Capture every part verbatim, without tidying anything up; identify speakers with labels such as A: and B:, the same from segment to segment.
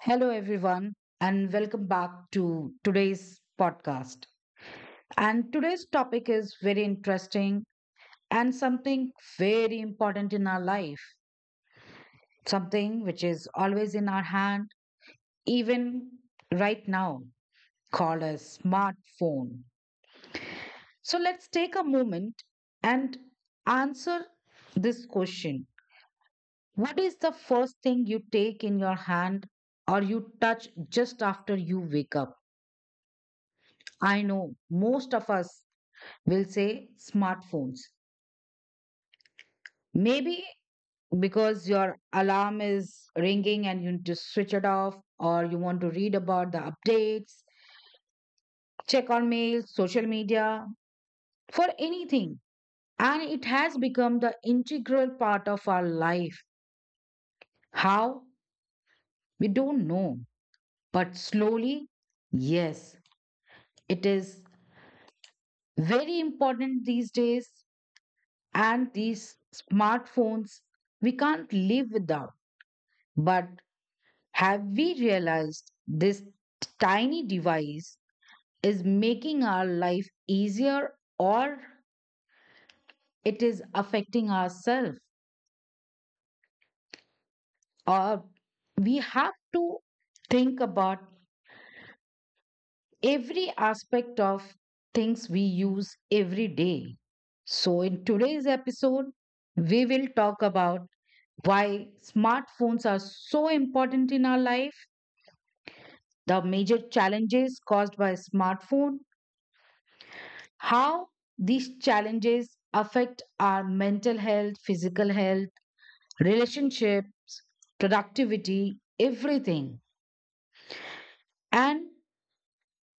A: Hello, everyone, and welcome back to today's podcast. And today's topic is very interesting and something very important in our life, something which is always in our hand, even right now, called a smartphone. So let's take a moment and answer this question. What is the first thing you take in your hand or you touch just after you wake up? I know most of us we'll say smartphones. Maybe because your alarm is ringing and you need to switch it off, or you want to read about the updates, check on mail, social media, for anything. And it has become the integral part of our life. How? We don't know. But slowly, yes, it is very important these days. And these smartphones, we can't live without. But have we realized this tiny device is making our life easier or it is affecting ourselves? Or we have to think about every aspect of things we use every day. So, in today's episode, we will talk about why smartphones are so important in our life, the major challenges caused by smartphone, how these challenges affect our mental health, physical health, relationships, productivity, everything. And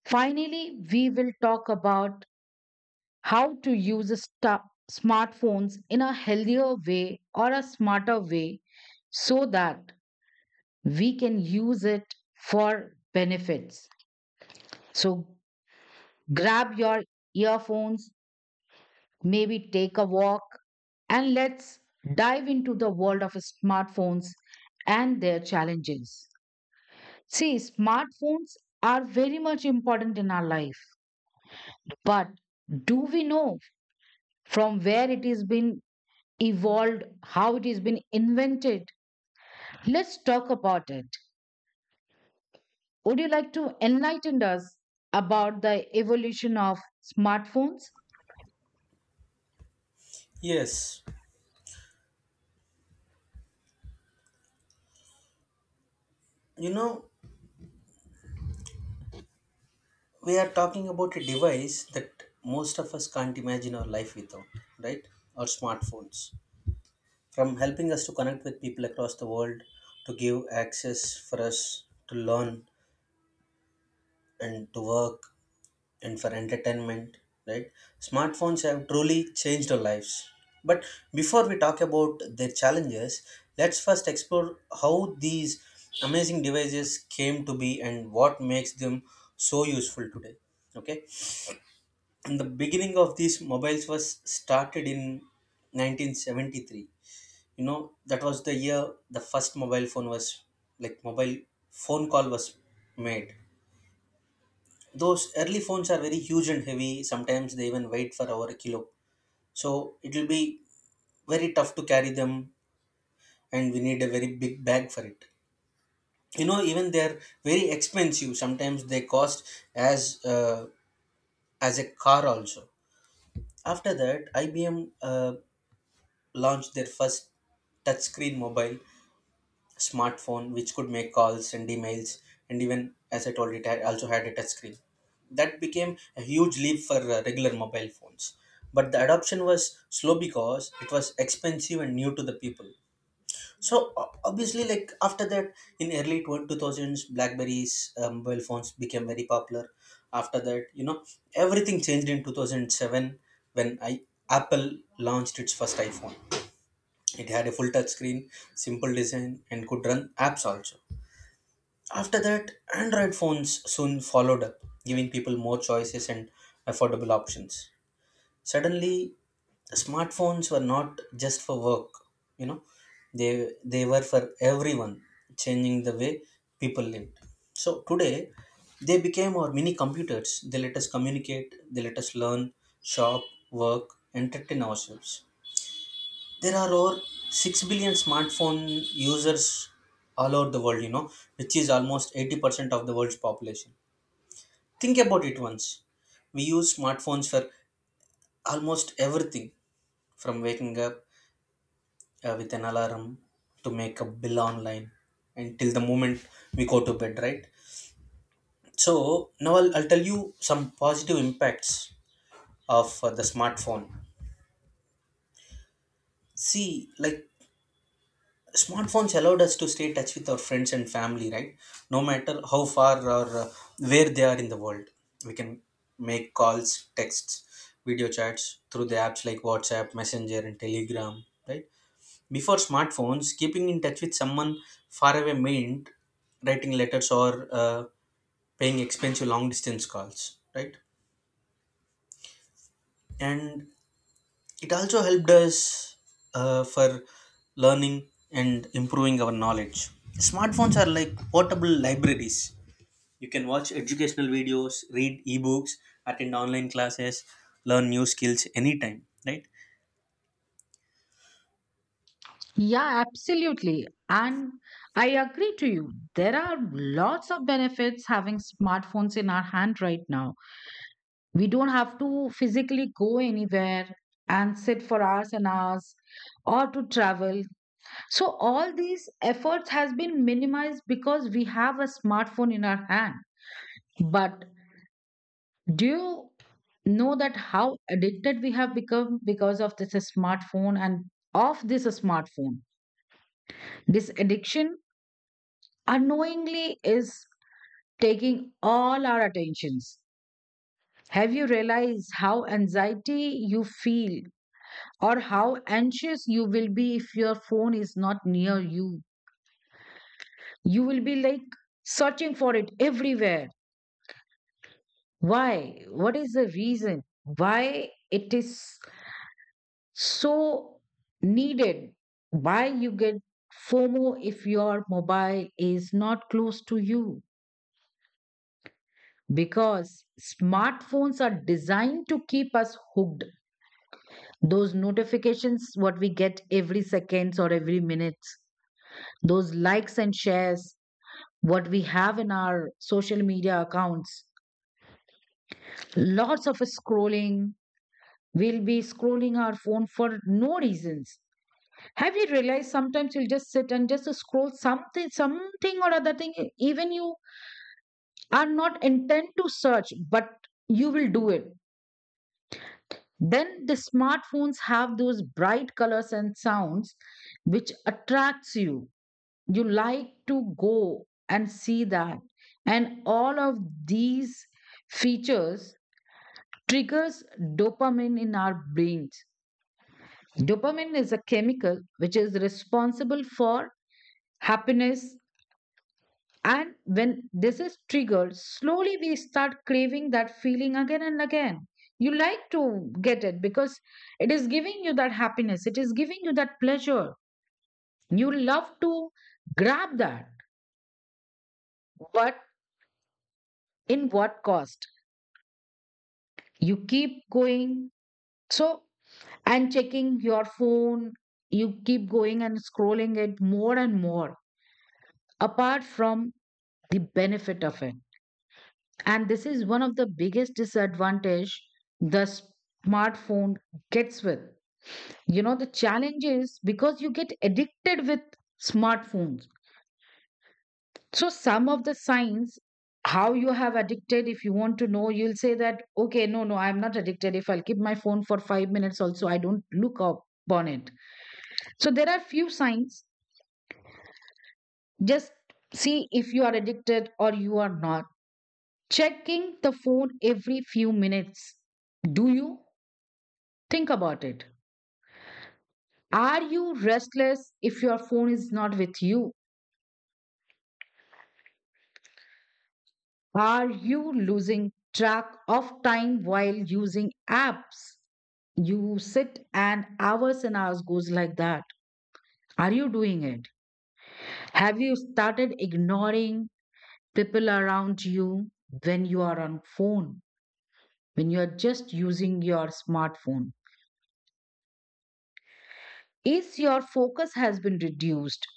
A: finally, we will talk about how to use a sta- smartphones in a healthier way or a smarter way so that we can use it for benefits. So grab your earphones, maybe take a walk, and let's dive into the world of smartphones and their challenges. See, smartphones are very much important in our life, but do we know from where it has been evolved, how it has been invented? Let's talk about it. Would you like to enlighten us about the evolution of smartphones?
B: Yes, you know, we are talking about a device that most of us can't imagine our life without, right? Our smartphones. From helping us to connect with people across the world, to give access for us to learn and to work, and for entertainment, right? Smartphones have truly changed our lives. But before we talk about their challenges, let's first explore how these amazing devices came to be and what makes them so useful today. Okay, and the beginning of these mobiles was started in nineteen seventy-three. You know, that was the year the first mobile phone was like mobile phone call was made. Those early phones are very huge and heavy. Sometimes they even weigh for over a kilo, so it will be very tough to carry them, and we need a very big bag for it. You know, even they're very expensive. Sometimes they cost as uh, as a car also. After that, IBM uh, launched their first touchscreen mobile smartphone, which could make calls, send emails, and even, as I told, it had- also had a touch screen. That became a huge leap for uh, regular mobile phones, but the adoption was slow because it was expensive and new to the people. So o- obviously, like after that, in early 20- two thousands, BlackBerries uh, mobile phones became very popular. After that, you know, everything changed in two thousand seven, when I apple launched its first iPhone. It had a full touch screen, simple design, and could run apps also. After that, Android phones soon followed up, giving people more choices and affordable options. Suddenly, smartphones were not just for work, you know, they, they were for everyone, changing the way people lived. So today, they became our mini computers. They let us communicate, they let us learn, shop, work, entertain ourselves. There are over 6 billion smartphone users all over the world, you know which is almost eighty percent of the world's population. Think about it once. We use smartphones for almost everything, from waking up uh, with an alarm, to make a bill online, until the moment we go to bed, right? So now I'll, I'll tell you some positive impacts of uh, the smartphone. See, like smartphones allowed us to stay in touch with our friends and family, right? No matter how far, or uh, where they are in the world, we can make calls, texts, video chats through the apps like WhatsApp, Messenger, and Telegram, right? Before smartphones, keeping in touch with someone far away meant writing letters or uh, paying expensive long distance calls, right? And it also helped us uh, for learning and improving our knowledge. Smartphones are like portable libraries. You can watch educational videos, read ebooks, attend online classes, learn new skills anytime, right?
A: Yeah, absolutely. And I agree to you. There are lots of benefits having smartphones in our hand right now. We don't have to physically go anywhere and sit for hours and hours or to travel. So all these efforts has been minimized because we have a smartphone in our hand. But do you know that how addicted we have become because of this smartphone and of this smartphone? This addiction unknowingly is taking all our attentions. Have you realized how anxiety you feel or how anxious you will be if your phone is not near you? You will be like searching for it everywhere. Why? What is the reason? Why it is so needed? Why you get FOMO if your mobile is not close to you? Because smartphones are designed to keep us hooked, those notifications what we get every seconds or every minutes, those likes and shares what we have in our social media accounts, lots of scrolling, we'll be scrolling our phone for no reasons. Have you realized sometimes you'll just sit and just scroll something something or other thing? Even you are not intent to search, but you will do it. Then the smartphones have those bright colors and sounds which attracts you. You like to go and see that. And all of these features triggers dopamine in our brains. Dopamine is a chemical which is responsible for happiness. And when this is triggered, slowly we start craving that feeling again and again. You like to get it because it is giving you that happiness, it is giving you that pleasure. You love to grab that, but in what cost? You keep going, so and checking your phone, you keep going and scrolling it more and more, apart from the benefit of it. And this is one of the biggest disadvantage the smartphone gets with, you know. The challenge is because you get addicted with smartphones. So some of the signs how you have addicted, if you want to know, you'll say that, okay, no no I'm not addicted, if I'll keep my phone for five minutes also I don't look up on it. So there are few signs, just see if you are addicted or you are not. Checking the phone every few minutes, do you think about it? Are you restless if your phone is not with you? Are you losing track of time while using apps? You sit and hours and hours goes like that. Are you doing it? Have you started ignoring people around you when you are on phone, when you are just using your smartphone? Is your focus has been reduced?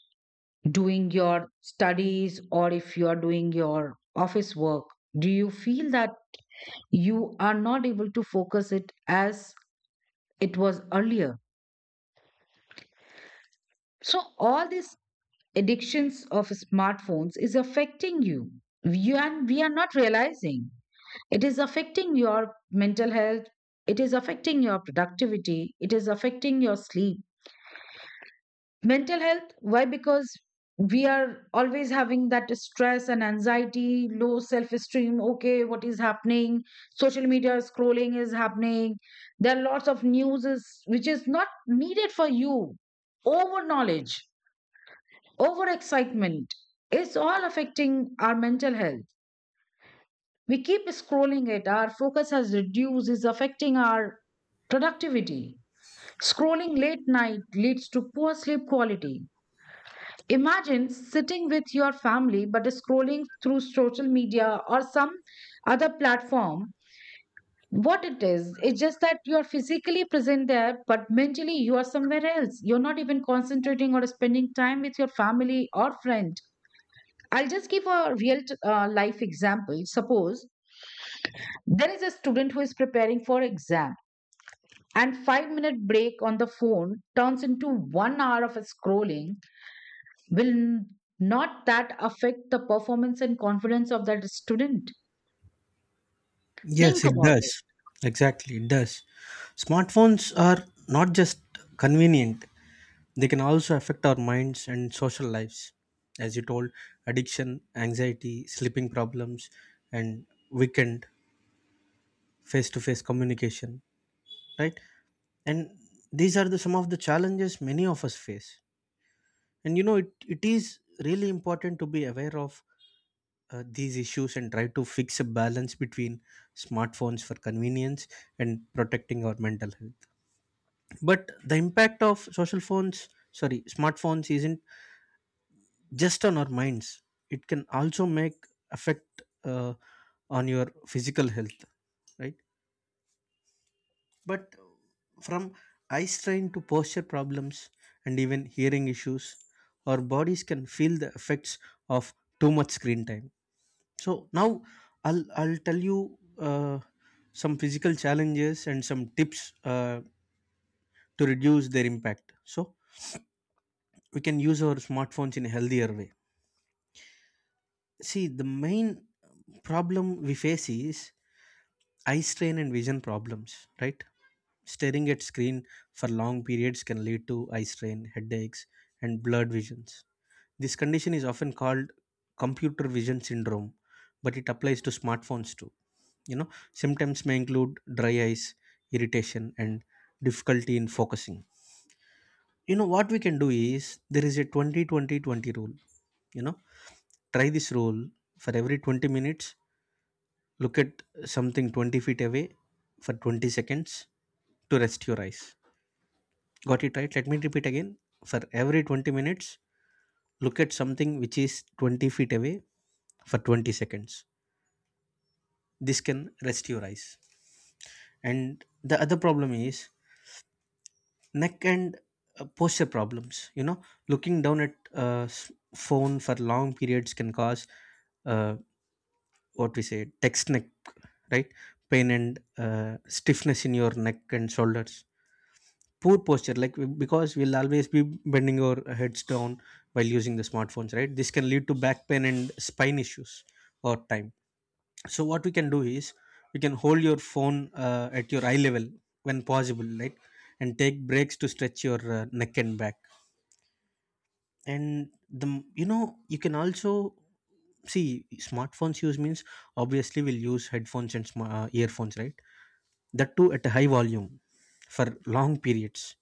A: Doing your studies or if you are doing your office work, do you feel that you are not able to focus it as it was earlier? So all these addictions of smartphones is affecting you you, and we are not realizing. It is affecting your mental health, it is affecting your productivity, it is affecting your sleep. Mental health, why? Because we are always having that stress and anxiety, low self esteem. Okay, what is happening? Social media scrolling is happening. There are lots of news is, which is not needed for you. Over knowledge, over excitement, it's all affecting our mental health. We keep scrolling it, our focus has reduced, is affecting our productivity. Scrolling late night leads to poor sleep quality. Imagine sitting with your family but scrolling through social media or some other platform. What it is, it's just that you are physically present there, but mentally you are somewhere else. You're not even concentrating or spending time with your family or friend. I'll just give a real uh, life example. Suppose there is a student who is preparing for exam and five minute break on the phone turns into one hour of scrolling. Will n- Not that affect the performance and confidence of that student?
B: Yes,
A: Think
B: it
A: about it.
B: does. Exactly, it does. Smartphones are not just convenient, they can also affect our minds and social lives. As you told, addiction, anxiety, sleeping problems, and weakened. Face to face communication, right? And these are the some of the challenges many of us face. And you know, it, it is really important to be aware of uh, these issues and try to fix a balance between smartphones for convenience and protecting our mental health. But the impact of social phones, sorry, smartphones isn't just on our minds, it can also make affect uh, on your physical health, right? But from eye strain to posture problems and even hearing issues, our bodies can feel the effects of too much screen time. So now I'll I'll tell you uh, some physical challenges and some tips uh, to reduce their impact. So we can use our smartphones in a healthier way. See, the main problem we face is eye strain and vision problems, right? Staring at screen for long periods can lead to eye strain, headaches, and blurred visions. This condition is often called computer vision syndrome, but it applies to smartphones too. You know, symptoms may include dry eyes, irritation, and difficulty in focusing. You know, what we can do is, there is a twenty twenty twenty rule. You know, try this rule. For every twenty minutes, look at something twenty feet away for twenty seconds to rest your eyes. Got it, right? Let me repeat again. For every twenty minutes, look at something which is twenty feet away for twenty seconds. This can rest your eyes. And the other problem is neck and uh, posture problems. You know, looking down at uh, s- phone for long periods can cause uh, what we say text neck, right? Pain and uh, stiffness in your neck and shoulders. Poor posture, like w- because we'll always be bending our heads down while using the smartphones, right? This can lead to back pain and spine issues over time. So what we can do is, we can hold your phone uh, at your eye level when possible, right? And take breaks to stretch your uh, neck and back. And the m- you know, you can also see, smartphones use means, obviously, we'll use headphones and sma- uh, earphones, right? That too at a high volume for long periods,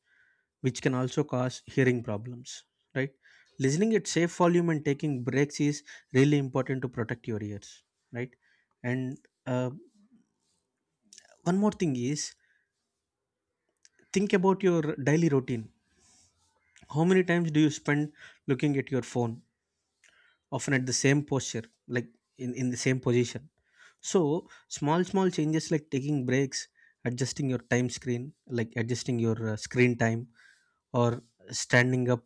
B: which can also cause hearing problems, right? Listening at safe volume and taking breaks is really important to protect your ears, right? And uh, one more thing is, think about your daily routine. How many times do you spend looking at your phone? Often at the same posture, like in, in the same position. So small small changes like taking breaks, adjusting your time screen like adjusting your uh, screen time, or standing up,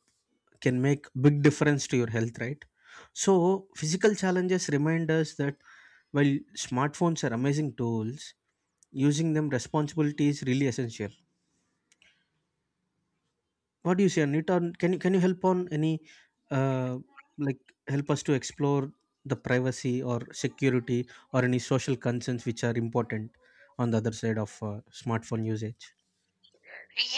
B: can make big difference to your health, right? So physical challenges remind us that, while smartphones are amazing tools, using them responsibility is really essential. What do you say on it? On can you can you help on any uh, like help us to explore the privacy or security, or any social concerns which are important on the other side of uh, smartphone usage?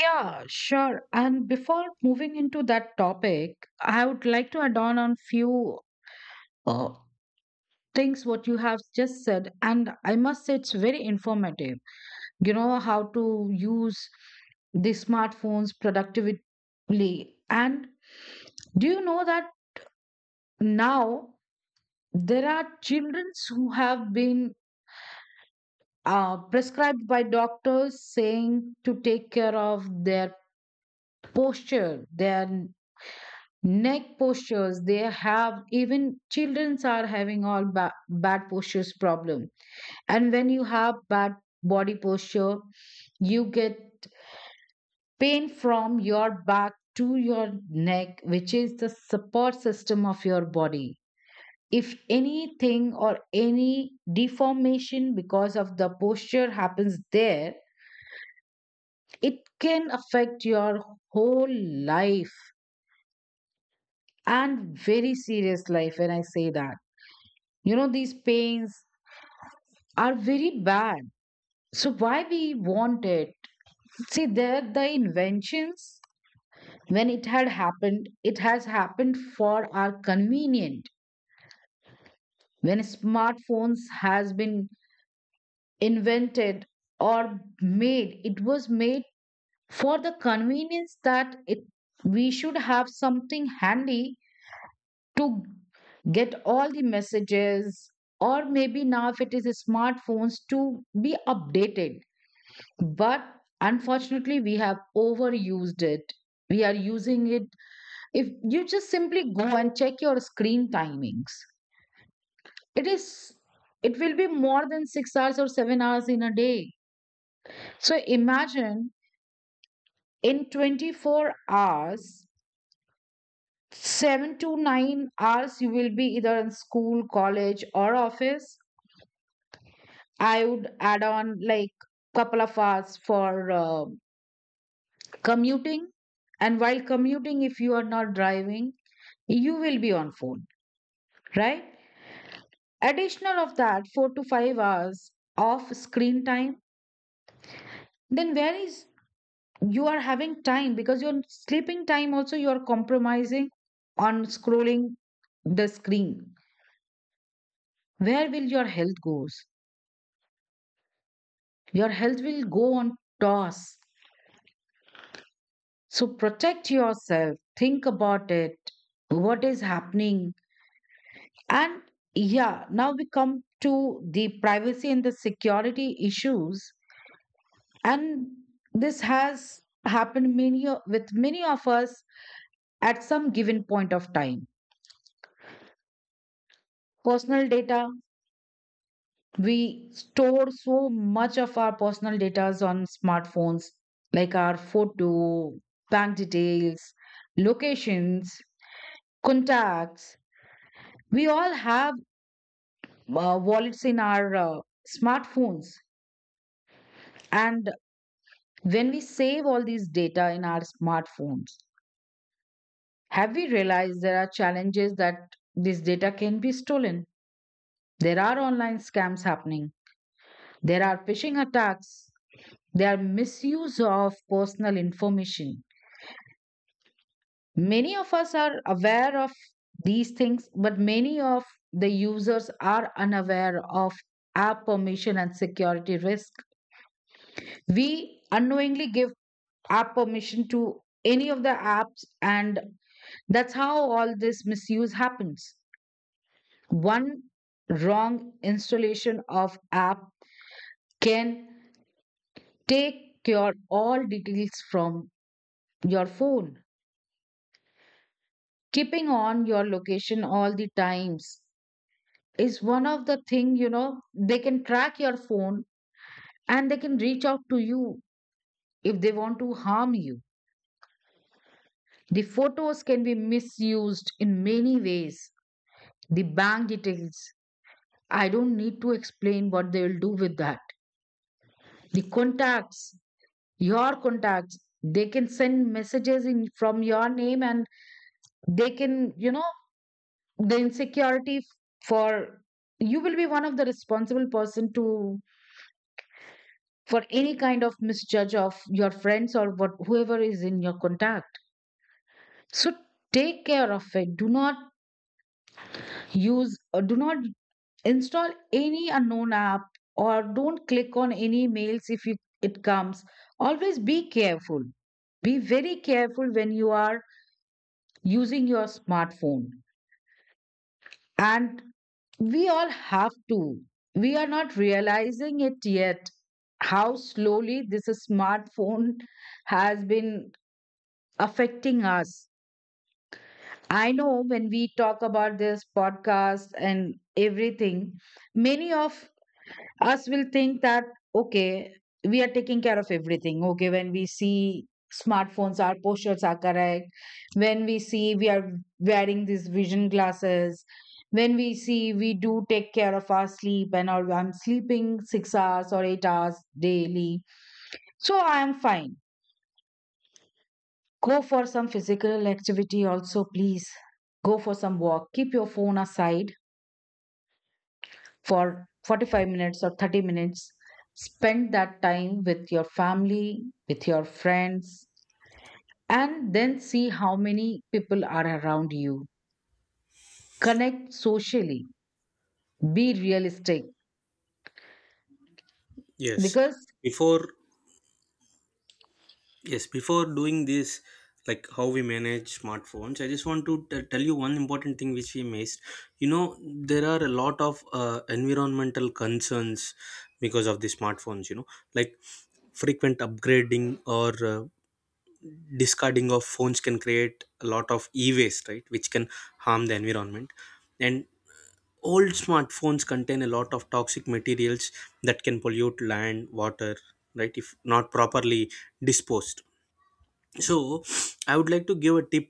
A: Yeah, sure. And before moving into that topic, I would like to add on on few uh, things what you have just said, and I must say it's very informative. You know how to use the smartphones productively, and do you know that now there are children who have been uh, prescribed by doctors saying to take care of their posture, their neck postures. They have even childrens are having all ba- bad postures problem. And when you have bad body posture, you get pain from your back to your neck, which is the support system of your body. If anything or any deformation because of the posture happens there, it can affect your whole life, and very serious life when I say that. You know these pains are very bad. So why we want it? See, there the inventions, when it had happened, it has happened for our convenient. When smartphones has been invented or made, it was made for the convenience that it we should have something handy to get all the messages, or maybe now if it is smartphones to be updated. But unfortunately we have overused it. We are using it, if you just simply go and check your screen timings, it is, it will be more than six hours or seven hours in a day. So imagine in twenty-four hours, seven to nine hours you will be either in school, college or office. I would add on like couple of hours for uh, commuting. And while commuting, if you are not driving, you will be on phone, right? Additional of that, four to five hours of screen time. Then where is you are having time, because your sleeping time also you are compromising on scrolling the screen. Where will your health goes? Your health will go on toss. So protect yourself, think about it, what is happening. And yeah, now we come to the privacy and the security issues. And this has happened many o- with many of us at some given point of time. Personal data, we store so much of our personal data on smartphones, like our photo, bank details, locations, contacts. We all have uh, wallets in our uh, smartphones, and when we save all these data in our smartphones, have we realized there are challenges that this data can be stolen? There are online scams happening, there are phishing attacks, there are misuse of personal information. Many of us are aware of these things, but many of the users are unaware of app permission and security risk. We unknowingly give our permission to any of the apps, and that's how all this misuse happens. One wrong installation of app can take your all details from your phone. Keeping on your location all the times is one of the thing. You know, they can track your phone and they can reach out to you if they want to harm you. The photos can be misused in many ways. The bank details, I don't need to explain what they will do with that. The contacts, your contacts, they can send messages in from your name, and they can, you know, the insecurity for you will be one of the responsible person to, for any kind of misjudge of your friends or what whoever is in your contact. So take care of it. Do not use or do not install any unknown app, or don't click on any mails if it, it comes. Always be careful. Be very careful when you are using your smartphone. And we all have to. We are not realizing it yet how slowly this smartphone has been affecting us. I know when we talk about this podcast and everything, many of us will think that, okay, we are taking care of everything. Okay, when we see smartphones our postures are correct, when we see we are wearing these vision glasses, when we see we do take care of our sleep and all, I'm sleeping six hours or eight hours daily, so I am fine. Go for some physical activity also, please. Go for some walk, keep your phone aside for forty-five minutes or thirty minutes. Spend that time with your family, with your friends, and then see how many people are around you. Connect socially, be realistic
B: Yes.
A: because,
B: Before, yes, before doing this, like how we manage smartphones, I just want to t- tell you one important thing which we missed. You know, there are a lot of uh, environmental concerns because of the smartphones. You know, like frequent upgrading or uh, discarding of phones can create a lot of e-waste, right, which can harm the environment. And old smartphones contain a lot of toxic materials that can pollute land, water, right, if not properly disposed. So I would like to give a tip.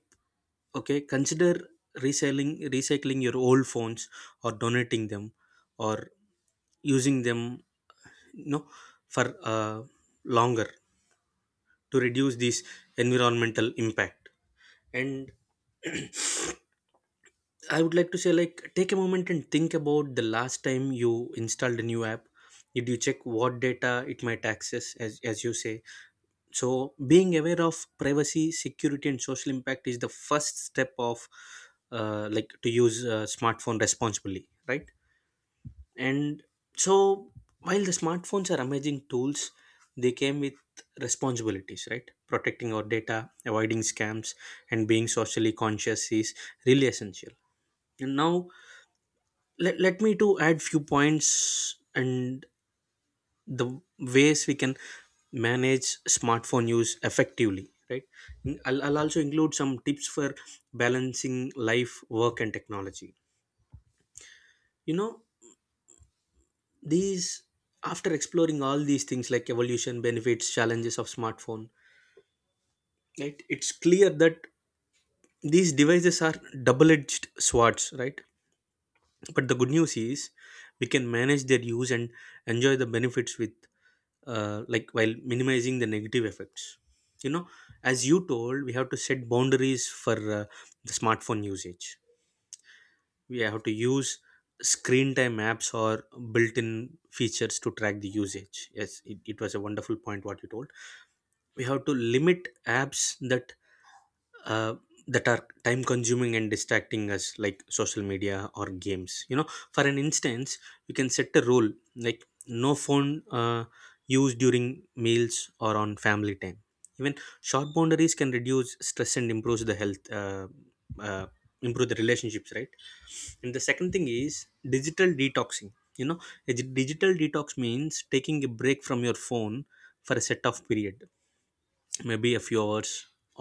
B: Okay, consider reselling, recycling your old phones, or donating them, or using them, you know, for uh, longer, to reduce this environmental impact. And I would like to say, like, take a moment and think about the last time you installed a new app. Did you check what data it might access, as, as you say? So being aware of privacy, security, and social impact is the first step of, uh, like to use a smartphone responsibly, right? And so, while the smartphones are amazing tools, they came with responsibilities, right? Protecting our data, avoiding scams, and being socially conscious is really essential. And now, let, let me to add few points and the ways we can manage smartphone use effectively, right? I'll, I'll also include some tips for balancing life, work, and technology. You know, these, after exploring all these things like evolution, benefits, challenges of smartphone, right, it's clear that these devices are double-edged swords, right? But the good news is, we can manage their use and enjoy the benefits with, uh, like while minimizing the negative effects. You know, as you told, we have to set boundaries for uh, the smartphone usage. We have to use screen time apps or built-in features to track the usage. Yes, it, it was a wonderful point what you told. We have to limit apps that uh, that are time consuming and distracting us, like social media or games. You know, for an instance, you can set a rule like no phone uh, used during meals or on family time. Even short boundaries can reduce stress and improves the health uh, uh, improve the relationships, right? And the second thing is digital detoxing. You know, a d- digital detox means taking a break from your phone for a set of period, maybe a few hours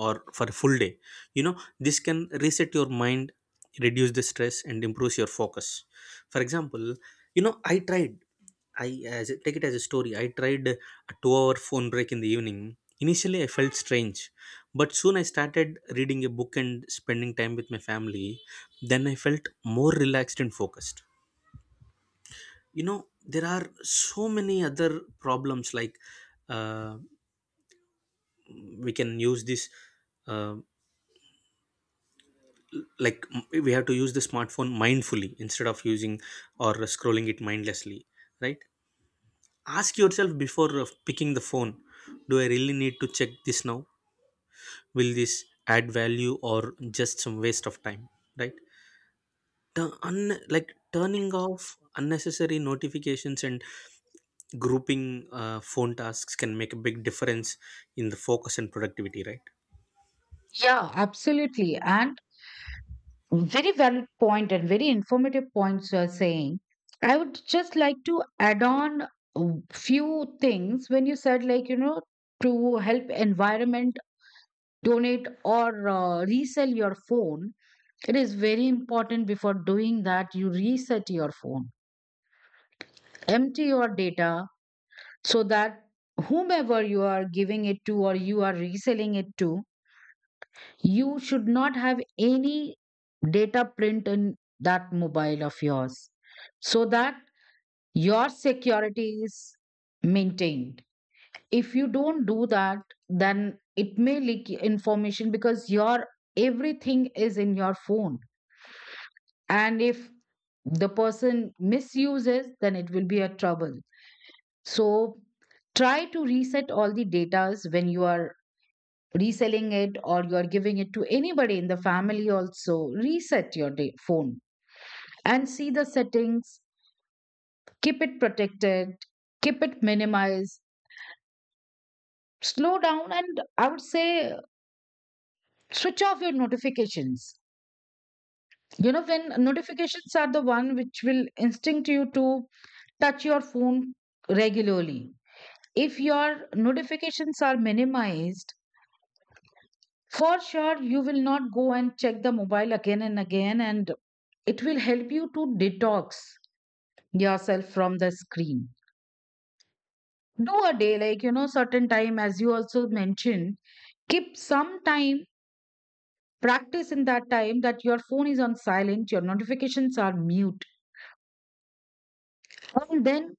B: or for a full day. You know, this can reset your mind, reduce the stress, and improves your focus. For example, you know, I tried i, as, take it as a story, I tried a two hour phone break in the evening. Initially, I felt strange, but soon I started reading a book and spending time with my family. Then I felt more relaxed and focused. You know, there are so many other problems like, uh, we can use this, uh, like m- we have to use the smartphone mindfully instead of using or scrolling it mindlessly, right? Ask yourself before uh, picking the phone, do I really need to check this now? Will this add value, or just some waste of time, right? the un- like turning off unnecessary notifications and grouping uh, phone tasks can make a big difference in the focus and productivity, right?
A: yeah, absolutely. And very valid point and very informative points you are saying. I would just like to add on a few things when you said, like, you know, to help environment donate or uh, resell your phone. It is very important before doing that you reset your phone, empty your data so that whomever you are giving it to or you are reselling it to, you should not have any data print in that mobile of yours so that your security is maintained. If you don't do that, then it may leak information, because your everything is in your phone, and if the person misuses then it will be a trouble. So try to reset all the datas when you are reselling it or you are giving it to anybody in the family. Also reset your da- phone and see the settings. Keep it protected, keep it minimized, slow down. And I would say switch off your notifications. You know, when notifications are the one which will instinct you to touch your phone regularly. If your notifications are minimized, for sure you will not go and check the mobile again and again, and it will help you to detox yourself from the screen. Do a day, like, you know, certain time, as you also mentioned, keep some time, practice in that time that your phone is on silent, your notifications are mute, and then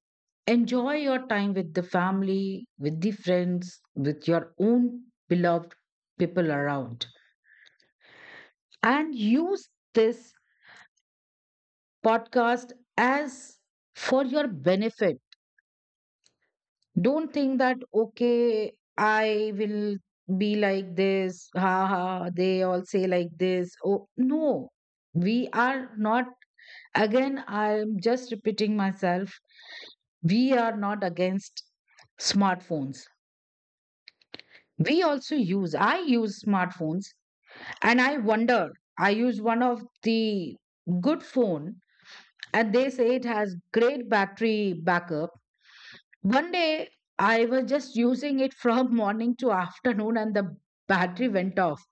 A: enjoy your time with the family, with the friends, with your own beloved people around, and use this podcast as for your benefit. Don't think that, okay, I will be like this, ha ha, they all say like this. Oh, no, we are not, again, I'm just repeating myself, we are not against smartphones. We also use, I use smartphones, and I wonder, I use one of the good phone and they say it has great battery backup. One day I was just using it from morning to afternoon and the battery went off.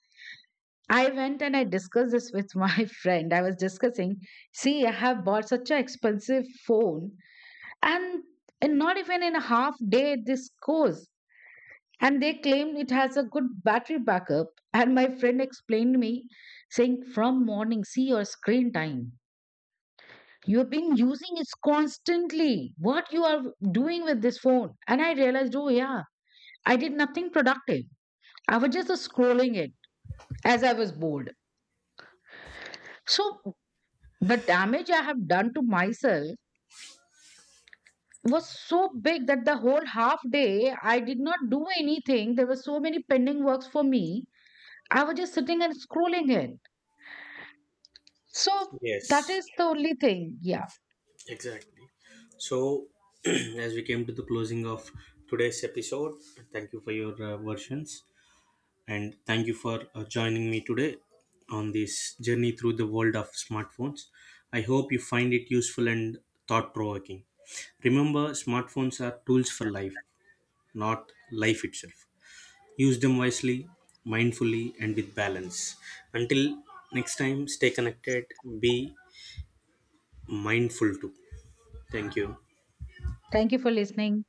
A: I went and I discussed this with my friend. I was discussing, see, I have bought such an expensive phone and, in not even in a half day, this goes. And they claim it has a good battery backup. And my friend explained me saying, from morning, see your screen time. You've been using it constantly. What you are doing with this phone? And I realized, oh yeah, I did nothing productive, I was just scrolling it as I was bored. So the damage I have done to myself was so big that the whole half day I did not do anything. There were so many pending works for me, I was just sitting and scrolling it. So that
B: Yes,
A: is the only thing. Yeah,
B: exactly. So, as we came to the closing of today's episode, thank you for your uh, versions, and thank you for uh, joining me today on this journey through the world of smartphones. I hope you find it useful and thought provoking. Remember, smartphones are tools for life, not life itself. Use them wisely, mindfully, and with balance. Until next time, stay connected, be mindful too. Thank you.
A: thank you for listening.